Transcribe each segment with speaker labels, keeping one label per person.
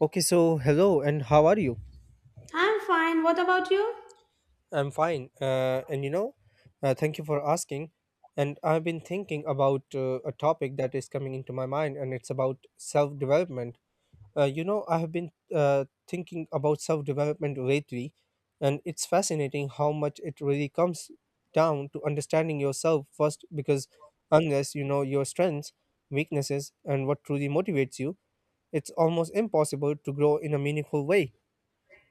Speaker 1: Okay, so hello, and how are you?
Speaker 2: I'm fine. What about you?
Speaker 1: I'm fine. And thank you for asking. And I've been thinking about a topic that is coming into my mind, and it's about self development. I have been thinking about self development lately, and it's fascinating how much it really comes down to understanding yourself first, because unless you know your strengths, weaknesses, and what truly motivates you, it's almost impossible to grow in a meaningful way.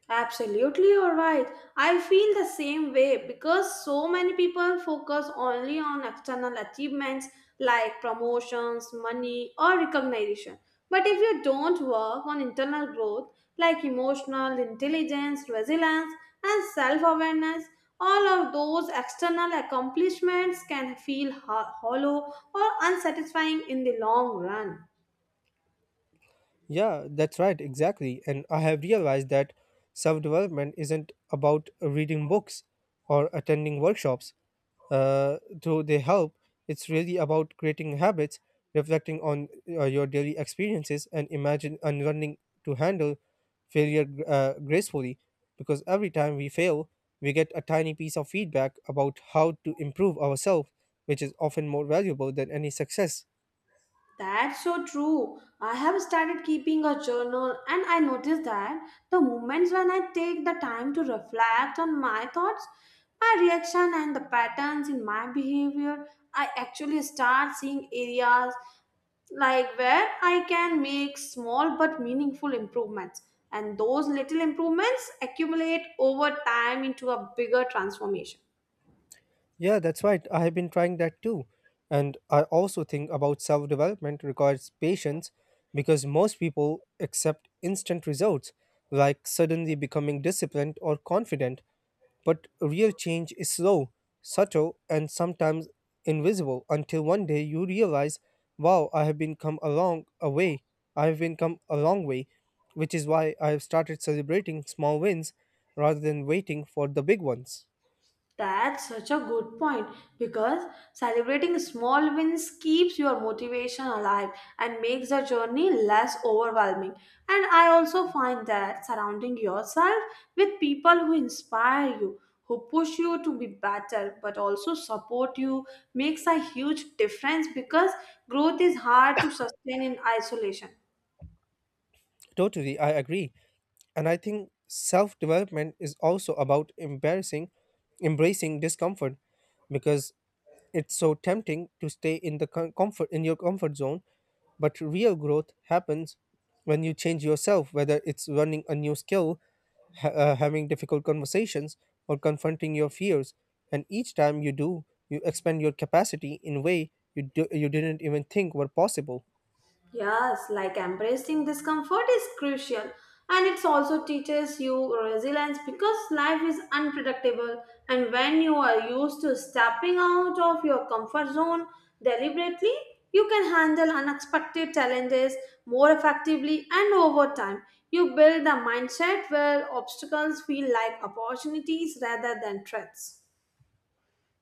Speaker 2: Absolutely, you're right. I feel the same way because so many people focus only on external achievements like promotions, money, or recognition. But if you don't work on internal growth like emotional intelligence, resilience, and self awareness, all of those external accomplishments can feel hollow or unsatisfying in the long run.
Speaker 1: Yeah, that's right, exactly. And I have realized that self development isn't about reading books or attending workshops, uh, though they help. It's really about creating habits, reflecting on your daily experiences, and imagine and learning to handle failure gracefully. Because every time we fail, we get a tiny piece of feedback about how to improve ourselves, which is often more valuable than any success.
Speaker 2: That's so true. I have started keeping a journal and I noticed that the moments when I take the time to reflect on my thoughts, my reaction and the patterns in my behavior, I actually start seeing areas like where I can make small but meaningful improvements. And those little improvements accumulate over time into a bigger transformation.
Speaker 1: Yeah, that's right. I have been trying that too. And I also think about self development requires patience because most people accept instant results, like suddenly becoming disciplined or confident. But real change is slow, subtle, and sometimes invisible until one day you realize, wow, I have been come a long a way. I have been come a long way, which is why I have started celebrating small wins rather than waiting for the big ones.
Speaker 2: That's such a good point because celebrating small wins keeps your motivation alive and makes the journey less overwhelming. And I also find that surrounding yourself with people who inspire you, who push you to be better, but also support you makes a huge difference because growth is hard to sustain in isolation.
Speaker 1: Totally, I agree. And I think self development is also about embracing discomfort because it's so tempting to stay in the comfort in your comfort zone. But real growth happens when you change yourself, whether it's learning a new skill, having difficult conversations, or confronting your fears. And each time you do, you expand your capacity in way you didn't even think were possible.
Speaker 2: Yes, like embracing discomfort is crucial and it also teaches you resilience because life is unpredictable and when you are used to stepping out of your comfort zone deliberately, you can handle unexpected challenges more effectively and over time. You build a mindset where obstacles feel like opportunities rather than threats.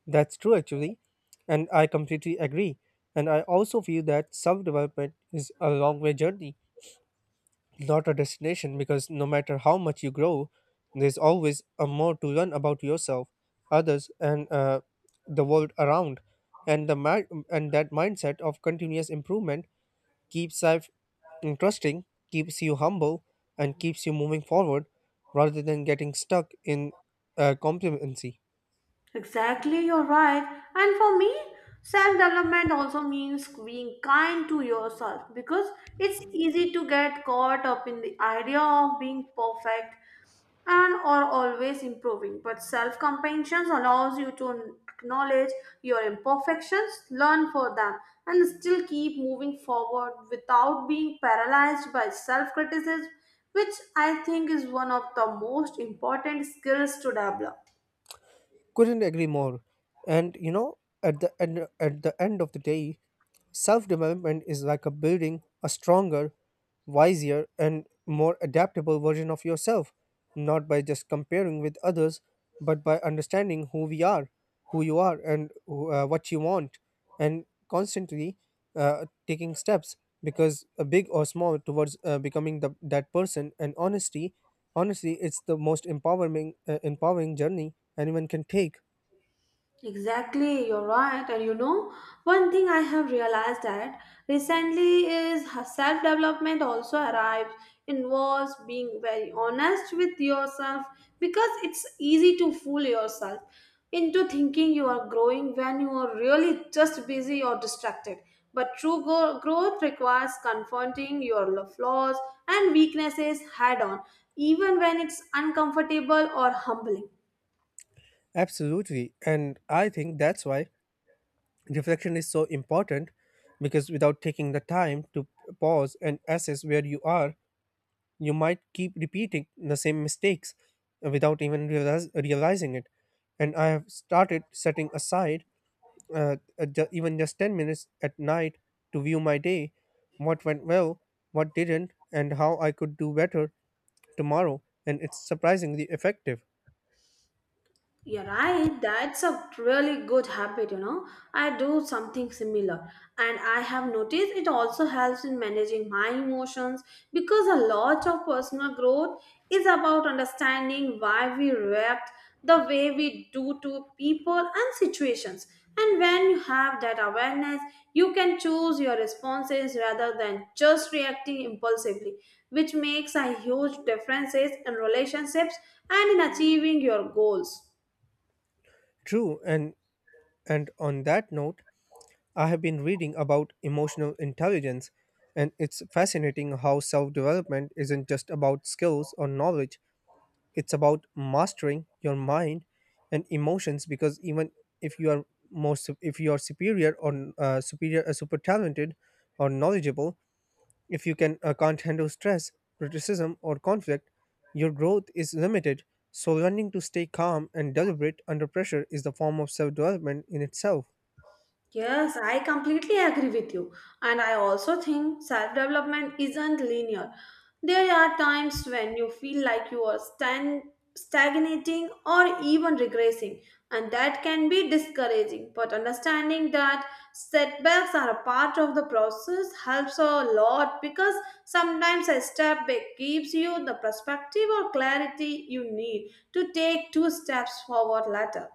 Speaker 1: That's true, actually, and I completely agree. And I also feel that self development is a long way journey, not a destination, because no matter how much you grow, there's always a more to learn about yourself, others, and the world around. And that mindset of continuous improvement keeps life interesting, keeps you humble, and keeps you moving forward rather than getting stuck in complacency.
Speaker 2: Exactly, you're right. And for me, self development also means being kind to yourself because it's easy to get caught up in the idea of being perfect and or always improving. But self compassion allows you to acknowledge your imperfections, learn for them, and still keep moving forward without being paralyzed by self criticism, which I think is one of the most important skills to develop.
Speaker 1: Couldn't agree more. And at the end of the day, self development is like a building a stronger, wiser, and more adaptable version of yourself, not by just comparing with others, but by understanding who we are, who you are, and what you want, and constantly taking steps because big or small towards becoming that person, and honesty honestly it's the most empowering journey anyone can take.
Speaker 2: Exactly, you're right. One thing I have realized that recently is self development also involves being very honest with yourself because it's easy to fool yourself into thinking you are growing when you are really just busy or distracted. But true growth requires confronting your flaws and weaknesses head on, even when it's uncomfortable or humbling.
Speaker 1: Absolutely. And I think that's why reflection is so important because without taking the time to pause and assess where you are, you might keep repeating the same mistakes without even realizing it. And I have started setting aside even just 10 minutes at night to view my day, what went well, what didn't, and how I could do better tomorrow. And it's surprisingly effective.
Speaker 2: You're right, that's a really good habit, you know. I do something similar, and I have noticed it also helps in managing my emotions because a lot of personal growth is about understanding why we react the way we do to people and situations. And when you have that awareness, you can choose your responses rather than just reacting impulsively, which makes a huge difference in relationships and in achieving your goals.
Speaker 1: True. And on that note, I have been reading about emotional intelligence, and it's fascinating how self development isn't just about skills or knowledge, it's about mastering your mind and emotions because even if you are if you are superior, or super talented or knowledgeable, if you can't handle stress, criticism, or conflict, your growth is limited. So learning to stay calm and deliberate under pressure is the form of self development in itself.
Speaker 2: Yes, I completely agree with you. And I also think self development isn't linear. There are times when you feel like you are stagnating or even regressing, and that can be discouraging. But understanding that setbacks are a part of the process helps a lot because sometimes a step back gives you the perspective or clarity you need to take two steps forward later.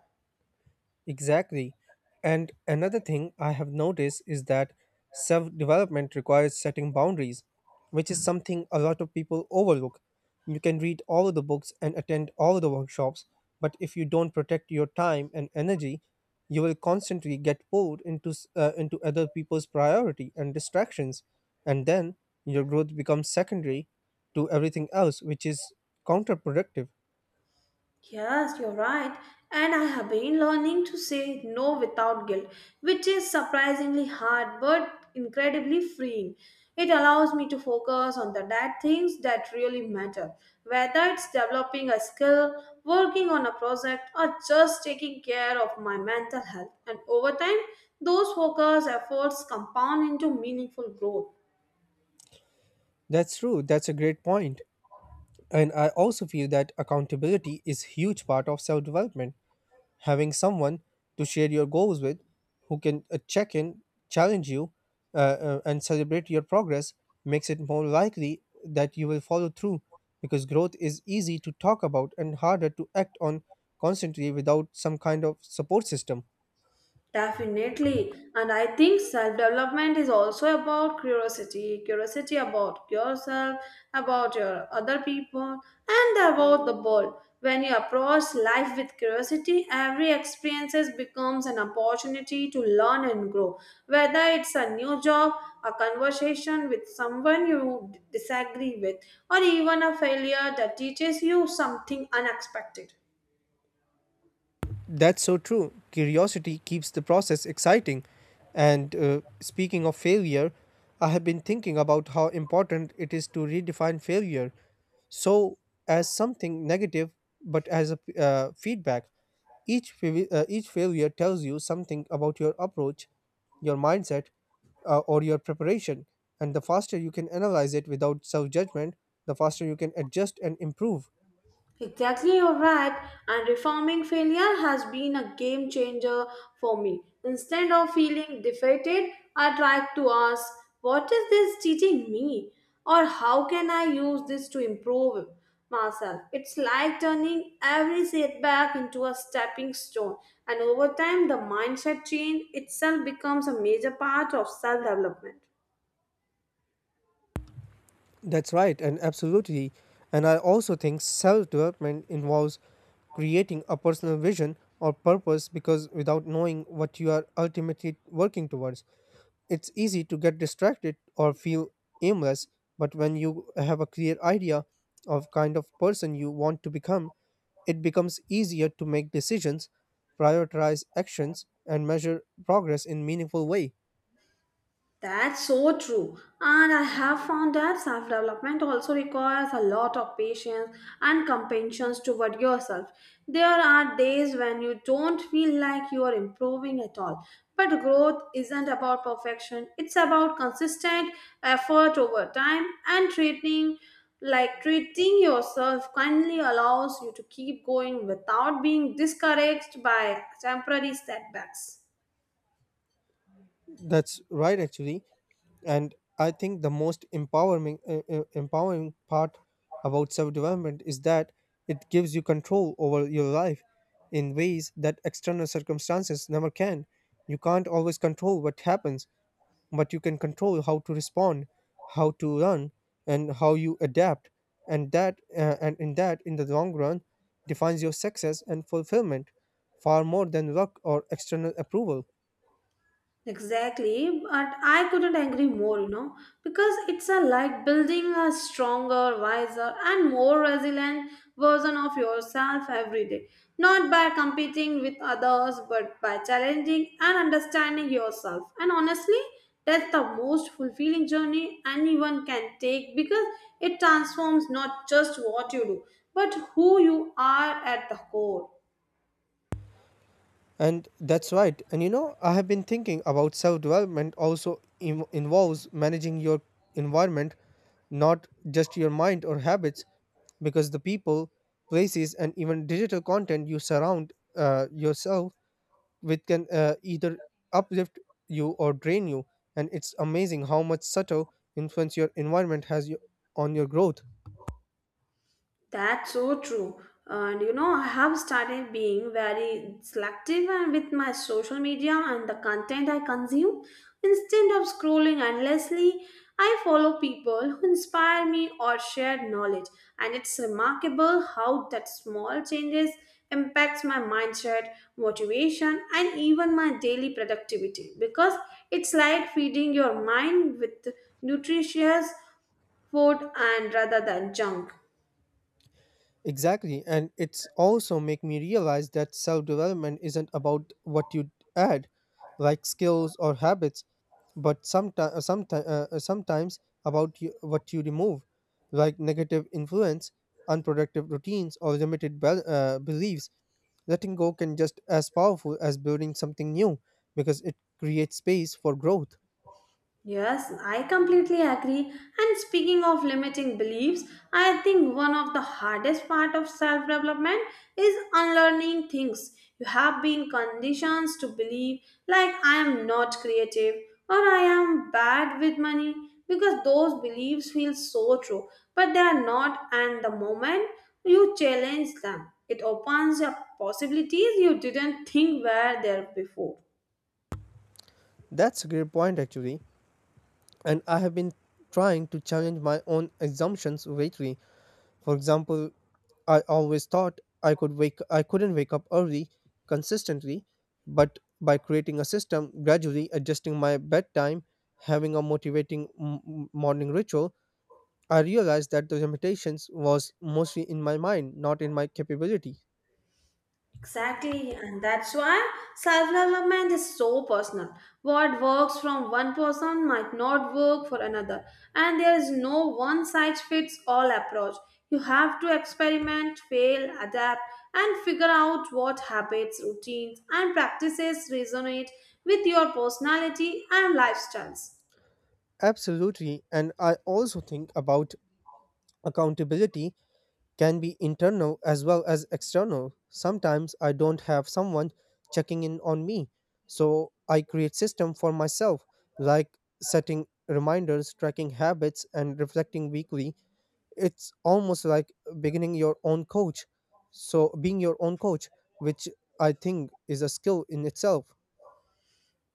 Speaker 1: Exactly. And another thing I have noticed is that self development requires setting boundaries, which is something a lot of people overlook. You can read all of the books and attend all of the workshops, but if you don't protect your time and energy, you will constantly get pulled into other people's priority and distractions. And then your growth becomes secondary to everything else, which is counterproductive.
Speaker 2: Yes, you're right. And I have been learning to say no without guilt, which is surprisingly hard but incredibly freeing. It allows me to focus on the that things that really matter, whether it's developing a skill, working on a project, or just taking care of my mental health. And over time, those focus efforts compound into meaningful growth.
Speaker 1: That's true. That's a great point. And I also feel that accountability is huge part of self-development. Having someone to share your goals with, who can check in, challenge you, and celebrate your progress, makes it more likely that you will follow through because growth is easy to talk about and harder to act on constantly without some kind of support system.
Speaker 2: Definitely. And I think self development is also about curiosity about yourself, about your other people, and about the world. When you approach life with curiosity, every experience becomes an opportunity to learn and grow. Whether it's a new job, a conversation with someone you disagree with, or even a failure that teaches you something unexpected.
Speaker 1: That's so true. Curiosity keeps the process exciting. And speaking of failure, I have been thinking about how important it is to redefine failure, so as something negative but as a feedback. Each failure tells you something about your approach, your mindset, or your preparation. And the faster you can analyze it without self judgment, the faster you can adjust and improve.
Speaker 2: Exactly, you're right. And reforming failure has been a game changer for me. Instead of feeling defeated, I tried to ask, what is this teaching me? Or how can I use this to improve myself? It's like turning every setback into a stepping stone. And over time, the mindset change itself becomes a major part of self development.
Speaker 1: That's right, and absolutely. And I also think self development involves creating a personal vision or purpose because without knowing what you are ultimately working towards, it's easy to get distracted or feel aimless. But when you have a clear idea of kind of person you want to become, it becomes easier to make decisions, prioritize actions, and measure progress in meaningful way.
Speaker 2: That's so true. And I have found that self development also requires a lot of patience and compassion toward yourself. There are days when you don't feel like you are improving at all. But growth isn't about perfection, it's about consistent effort over time and treating like treating yourself kindly allows you to keep going without being discouraged by temporary setbacks.
Speaker 1: That's right, actually. And I think the most empowering part about self development is that it gives you control over your life in ways that external circumstances never can. You can't always control what happens, but you can control how to respond, how to run, and how you adapt. And that uh, and in that in the long run, defines your success and fulfillment far more than luck or external approval.
Speaker 2: Exactly, but I couldn't agree more, because it's a like building a stronger, wiser, and more resilient version of yourself every day. Not by competing with others, but by challenging and understanding yourself. And honestly, that's the most fulfilling journey anyone can take because it transforms not just what you do, but who you are at the core.
Speaker 1: And that's right. And you know, I have been thinking about self development also involves managing your environment, not just your mind or habits, because the people, places, and even digital content you surround yourself with can either uplift you or drain you. And it's amazing how much subtle influence your environment on your growth.
Speaker 2: That's so true. I have started being very selective and with my social media and the content I consume. Instead of scrolling endlessly, I follow people who inspire me or share knowledge. And it's remarkable how that small changes impacts my mindset, motivation, and even my daily productivity because it's like feeding your mind with nutritious food and rather than junk.
Speaker 1: Exactly, and it's also make me realize that self-development isn't about what you add, like skills or habits, but sometimes about you, what you remove, like negative influence, unproductive routines, or limited beliefs. Letting go can just as powerful as building something new because it creates space for growth.
Speaker 2: Yes, I completely agree. And speaking of limiting beliefs, I think one of the hardest part of self-development is unlearning things you have been conditioned to believe like I am not creative or I am bad with money because those beliefs feel so true, but they are not and the moment you challenge them, it opens up possibilities you didn't think were there before.
Speaker 1: That's a great point, actually. And I have been trying to challenge my own assumptions lately. For example, I couldn't wake up early consistently, but by creating a system, gradually adjusting my bedtime, having a motivating morning ritual, I realized that the limitations was mostly in my mind, not in my capability.
Speaker 2: Exactly, and that's why self development is so personal. What works from one person might not work for another, and there is no one size fits all approach. You have to experiment, fail, adapt, and figure out what habits, routines, and practices resonate with your personality and lifestyles.
Speaker 1: Absolutely, and I also think about accountability can be internal as well as external. Sometimes I don't have someone checking in on me, so I create system for myself, like setting reminders, tracking habits, and reflecting weekly. It's almost like beginning your own coach so being your own coach, which I think is a skill in itself.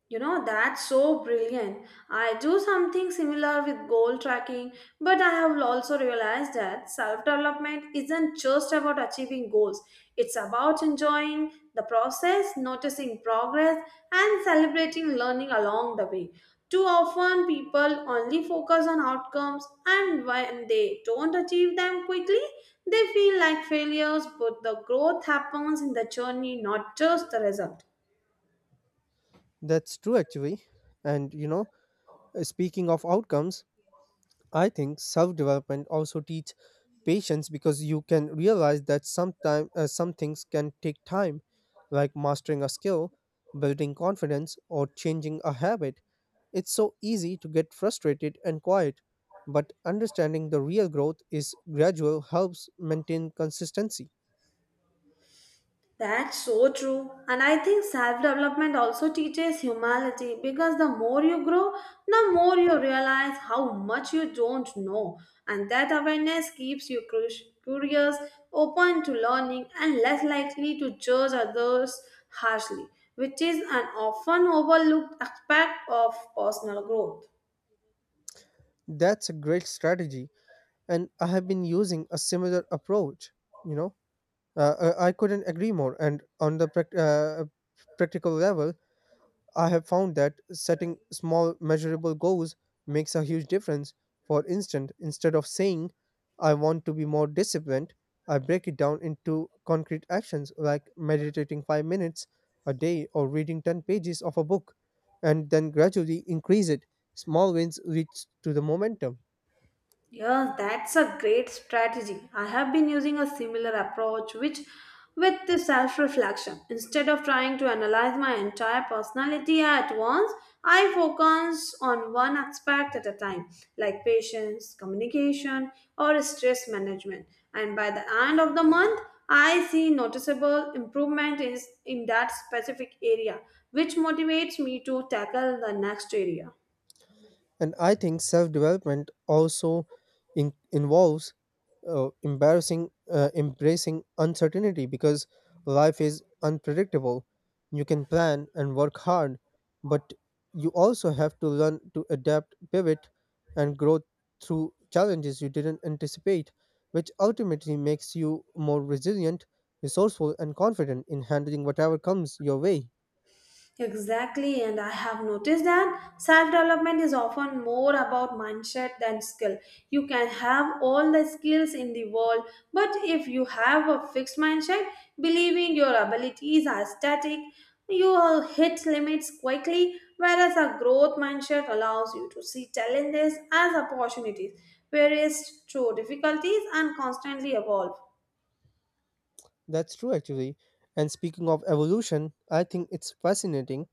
Speaker 2: You know, that's so brilliant. I do something similar with goal tracking, but I have also realized that self development isn't just about achieving goals, it's about enjoying the process, noticing progress, and celebrating learning along the way. Too often, people only focus on outcomes, and when they don't achieve them quickly, they feel like failures, but the growth happens in the journey, not just the result.
Speaker 1: That's true, actually. And you know, speaking of outcomes, I think self development also teach patience because you can realize that some things can take time, like mastering a skill, building confidence, or changing a habit. It's so easy to get frustrated and quiet, but understanding the real growth is gradual helps maintain consistency.
Speaker 2: That's so true. And I think self development also teaches humility because the more you grow, the more you realize how much you don't know. And that awareness keeps you curious, open to learning, and less likely to judge others harshly, which is an often overlooked aspect of personal growth.
Speaker 1: That's a great strategy, and I have been using a similar approach. You know. I couldn't agree more. And on the practical level, I have found that setting small, measurable goals makes a huge difference. For instance, instead of saying, I want to be more disciplined, I break it down into concrete actions like meditating 5 minutes a day or reading 10 pages of a book, and then gradually increase it. Small wins leads to the momentum.
Speaker 2: Yes, that's a great strategy. I have been using a similar approach which with the self-reflection. Instead of trying to analyze my entire personality at once, I focus on one aspect at a time, like patience, communication, or stress management. And by the end of the month, I see noticeable improvement is in that specific area, which motivates me to tackle the next area.
Speaker 1: And I think self development also involves embarrassing embracing uncertainty because life is unpredictable. You can plan and work hard, but you also have to learn to adapt, pivot, and grow through challenges you didn't anticipate, which ultimately makes you more resilient, resourceful, and confident in handling whatever comes your way.
Speaker 2: Exactly, and I have noticed that self development is often more about mindset than skill. You can have all the skills in the world, but if you have a fixed mindset, believing your abilities are static, you will hit limits quickly. Whereas a growth mindset allows you to see challenges as opportunities, whereas through difficulties and constantly evolve.
Speaker 1: That's true, actually. And speaking of evolution, I think it's fascinating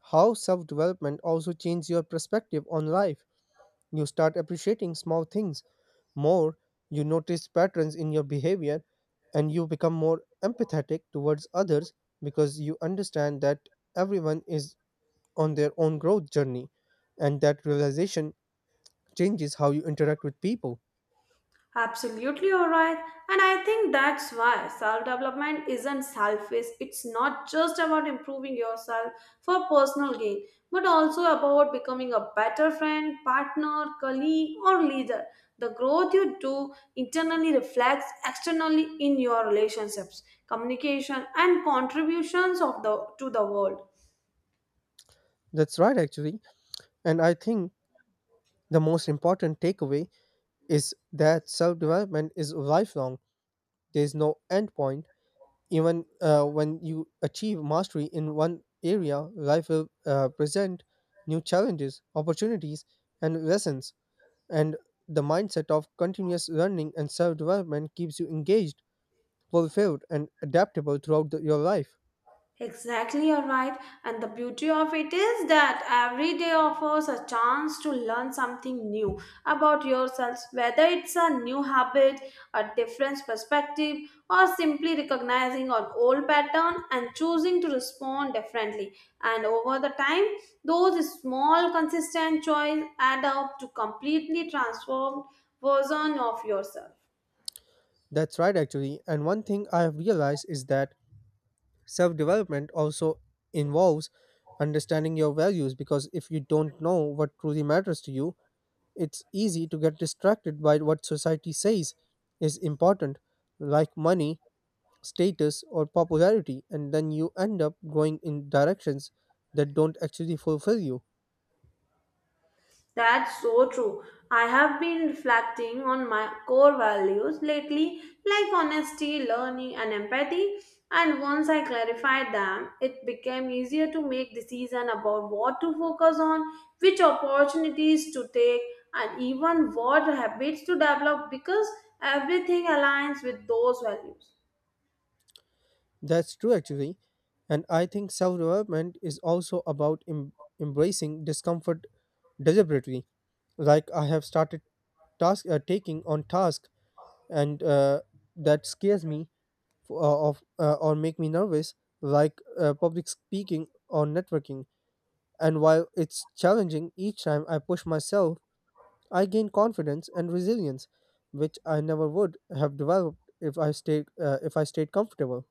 Speaker 1: how self development also changes your perspective on life. You start appreciating small things more, you notice patterns in your behavior, and you become more empathetic towards others because you understand that everyone is on their own growth journey, and that realization changes how you interact with people.
Speaker 2: Absolutely, all right. And I think that's why self development isn't selfish. It's not just about improving yourself for personal gain, but also about becoming a better friend, partner, colleague, or leader. The growth you do internally reflects externally in your relationships, communication, and contributions to the world.
Speaker 1: That's right, actually. And I think the most important takeaway is that self development is lifelong, there's no end point. Even when you achieve mastery in one area, life will present new challenges, opportunities, and lessons. And the mindset of continuous learning and self development keeps you engaged, fulfilled, and adaptable throughout your life.
Speaker 2: Exactly, you're right. And the beauty of it is that every day offers a chance to learn something new about yourself, whether it's a new habit, a different perspective, or simply recognizing an old pattern and choosing to respond differently. And over the time, those small, consistent choices add up to completely transformed version of yourself.
Speaker 1: That's right, actually. And one thing I have realized is that self development also involves understanding your values, because if you don't know what truly matters to you, it's easy to get distracted by what society says is important, like money, status, or popularity, and then you end up going in directions that don't actually fulfill you.
Speaker 2: That's so true. I have been reflecting on my core values lately, like honesty, learning, and empathy. And once I clarified them, it became easier to make decisions about what to focus on, which opportunities to take, and even what habits to develop because everything aligns with those values.
Speaker 1: That's true, actually. And I think self-development is also about embracing discomfort deliberately. Like I have started task taking on task, and that scares me, f- of or make me nervous, like public speaking or networking. And while it's challenging, each time I push myself, I gain confidence and resilience, which I never would have developed if I stayed comfortable.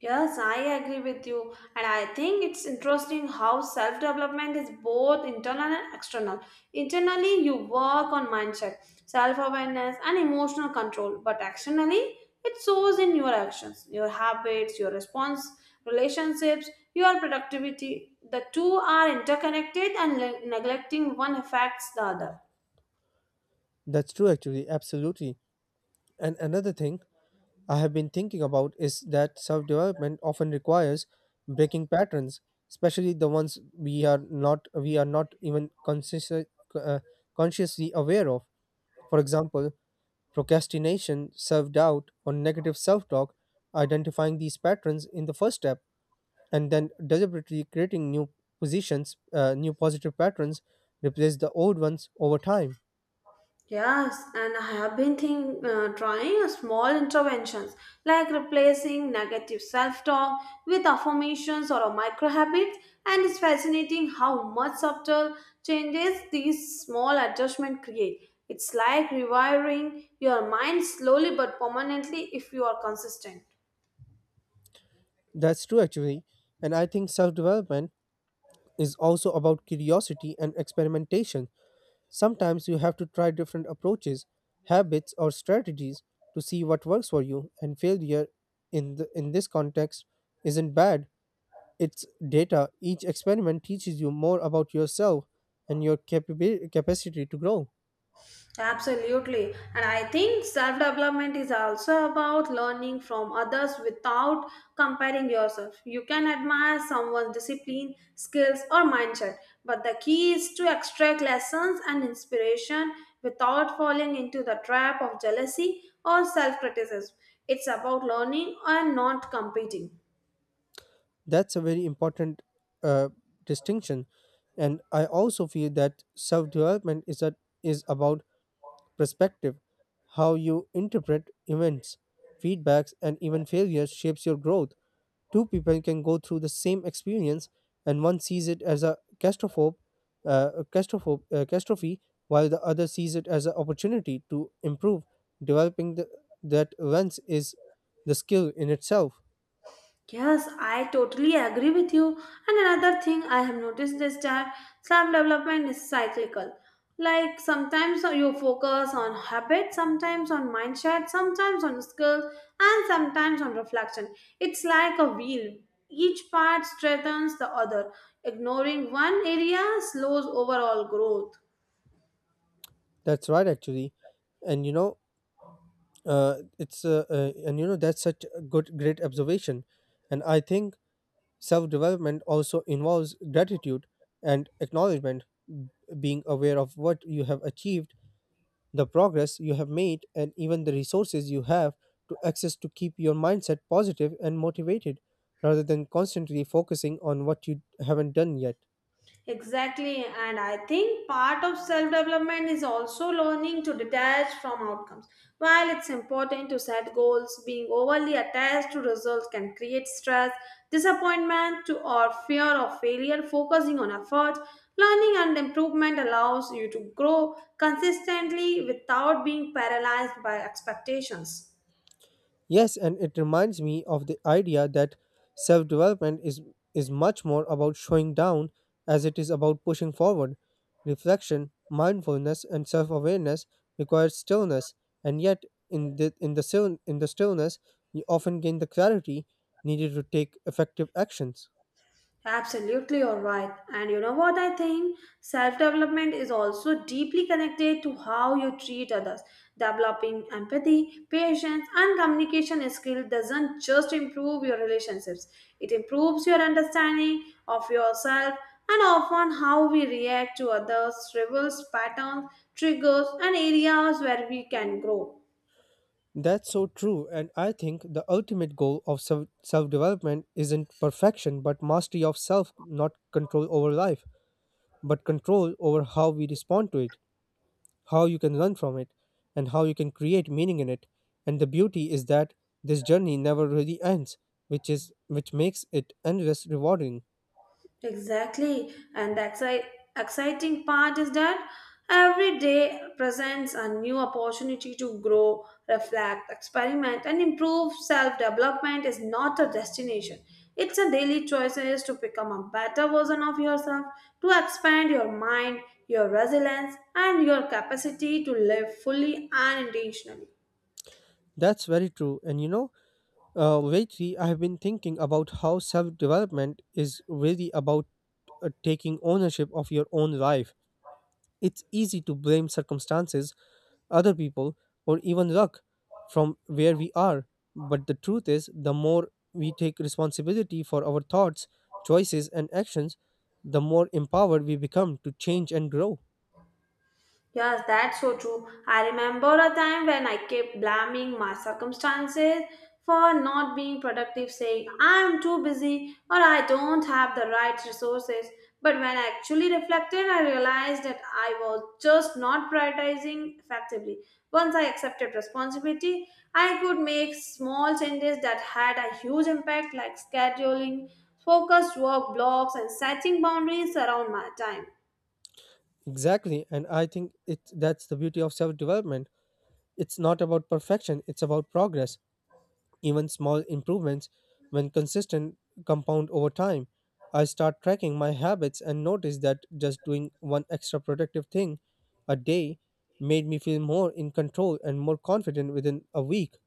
Speaker 2: Yes, I agree with you, and I think it's interesting how self development is both internal and external. Internally, you work on mindset, self awareness, and emotional control, but externally, it shows in your actions, your habits, your response, relationships, your productivity. The two are interconnected, and neglecting one affects the other.
Speaker 1: That's true, actually. Absolutely. And another thing I have been thinking about is that self development often requires breaking patterns, especially the ones we are not even consciously aware of. For example, procrastination, self doubt, or negative self talk. Identifying these patterns in the first step, and then deliberately creating new positive patterns, replace the old ones over time.
Speaker 2: Yes, and I have been trying a small interventions like replacing negative self-talk with affirmations or a micro habits, and it's fascinating how much subtle changes these small adjustments create. It's like rewiring your mind slowly but permanently if you are consistent.
Speaker 1: That's true, actually. And I think self development is also about curiosity and experimentation. Sometimes you have to try different approaches, habits, or strategies to see what works for you, and failure in this context isn't bad. It's data. Each experiment teaches you more about yourself and your capacity to grow.
Speaker 2: Absolutely. And I think self development is also about learning from others without comparing yourself. You can admire someone's discipline, skills, or mindset, but the key is to extract lessons and inspiration without falling into the trap of jealousy or self criticism. It's about learning and not competing.
Speaker 1: That's a very important uh, distinction, and I also feel that self development is about perspective. How you interpret events, feedbacks, and even failures shapes your growth. Two people can go through the same experience, and one sees it as a a catastrophe, while the other sees it as an opportunity to improve. Developing that lens is the skill in itself.
Speaker 2: Yes, I totally agree with you. And another thing I have noticed is that self development is cyclical. Like sometimes you focus on habit, sometimes on mindset, sometimes on skills, and sometimes on reflection. It's like a wheel. Each part strengthens the other. Ignoring one area slows overall growth.
Speaker 1: That's right, actually. And you know, it's and you know that's such a great observation. And I think self development also involves gratitude and acknowledgement, being aware of what you have achieved, the progress you have made, and even the resources you have to access, to keep your mindset positive and motivated rather than constantly focusing on what you haven't done yet.
Speaker 2: Exactly, and I think part of self development is also learning to detach from outcomes. While it's important to set goals, being overly attached to results can create stress, disappointment, or fear of failure. Focusing on effort, learning, and improvement allows you to grow consistently without being paralyzed by expectations.
Speaker 1: Yes, and it reminds me of the idea that self development is, is much more about showing down as it is about pushing forward. Reflection, mindfulness, and self awareness require stillness, and yet, in the stillness, you often gain the clarity needed to take effective actions.
Speaker 2: Absolutely, you're right. And you know what I think? Self development is also deeply connected to how you treat others. Developing empathy, patience, and communication skill doesn't just improve your relationships, it improves your understanding of yourself and often how we react to others, reveals patterns, triggers, and areas where we can grow.
Speaker 1: That's so true, and I think the ultimate goal of self development isn't perfection but mastery of self, not control over life, but control over how we respond to it, how you can learn from it, and how you can create meaning in it. And the beauty is that this journey never really ends, which makes it endless rewarding.
Speaker 2: Exactly. And the exciting part is that every day presents a new opportunity to grow, reflect, experiment, and improve. Self development is not a destination, it's a daily choices to become a better version of yourself, to expand your mind, your resilience, and your capacity to live fully and intentionally.
Speaker 1: That's very true, and lately I have been thinking about how self development is really about taking ownership of your own life. It's easy to blame circumstances, other people, or even luck from where we are. But the truth is, the more we take responsibility for our thoughts, choices, and actions, the more empowered we become to change and grow.
Speaker 2: Yes, that's so true. I remember a time when I kept blaming my circumstances for not being productive, saying I'm too busy or I don't have the right resources. But when I actually reflected, I realized that I was just not prioritizing effectively. Once I accepted responsibility, I could make small changes that had a huge impact, like scheduling focused work blocks and setting boundaries around my time.
Speaker 1: Exactly, and I think it that's the beauty of self-development. It's not about perfection, it's about progress. Even small improvements, when consistent, compound over time. I start tracking my habits and notice that just doing one extra productive thing a day made me feel more in control and more confident within a week.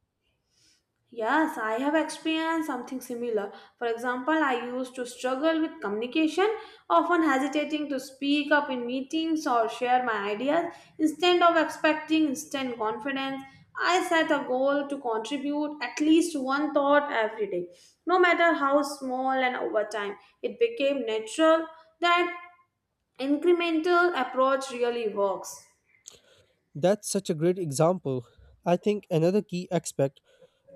Speaker 2: Yes, I have experienced something similar. For example, I used to struggle with communication, often hesitating to speak up in meetings or share my ideas. Instead of expecting instant confidence, I set a goal to contribute at least one thought every day, no matter how small, and over time, it became natural that incremental approach really works.
Speaker 1: That's such a great example. I think another key aspect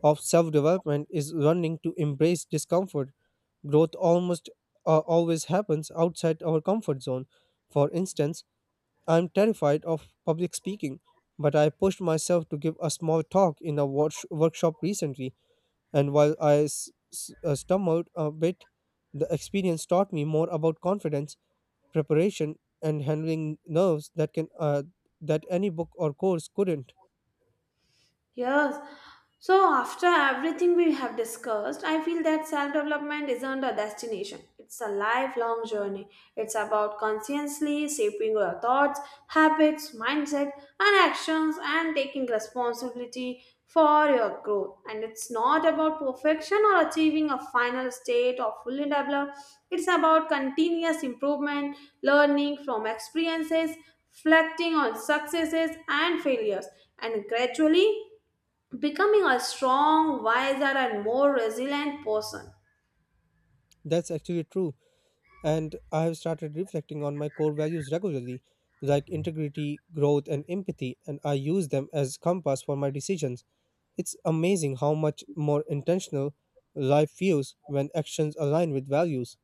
Speaker 1: of self development is learning to embrace discomfort. Growth almost always happens outside our comfort zone. For instance, I'm terrified of public speaking, but I pushed myself to give a small talk in a workshop recently, and while I stumbled a bit, the experience taught me more about confidence, preparation, and handling nerves that any book or course couldn't.
Speaker 2: Yes. So, after everything we have discussed, I feel that self development isn't a destination. It's a lifelong journey. It's about consciously shaping your thoughts, habits, mindset, and actions and taking responsibility for your growth. And it's not about perfection or achieving a final state or fully developed. It's about continuous improvement, learning from experiences, reflecting on successes and failures, and gradually becoming a strong, wiser, and more resilient person.
Speaker 1: That's actually true. And I have started reflecting on my core values regularly, like integrity, growth, and empathy, and I use them as compass for my decisions. It's amazing how much more intentional life feels when actions align with values.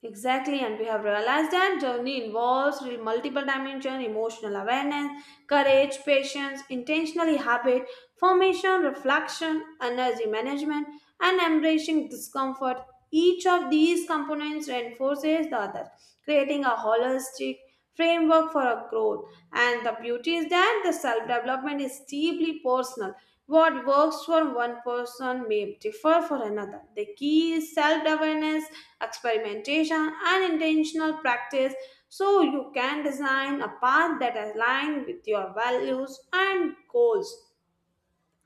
Speaker 2: Exactly, and we have realized that journey involves multiple dimensions emotional awareness, courage, patience, intentionally habit, formation, reflection, energy management, and embracing discomfort. Each of these components reinforces the other, creating a holistic framework for our growth. And the beauty is that the self development is deeply personal. What works for one person may differ for another. The key is self awareness, experimentation, and intentional practice so you can design a path that aligns with your values and goals.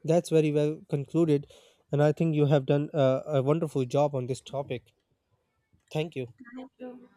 Speaker 1: That's very well concluded, and I think you have done a wonderful job on this topic. Thank you.
Speaker 2: Thank you.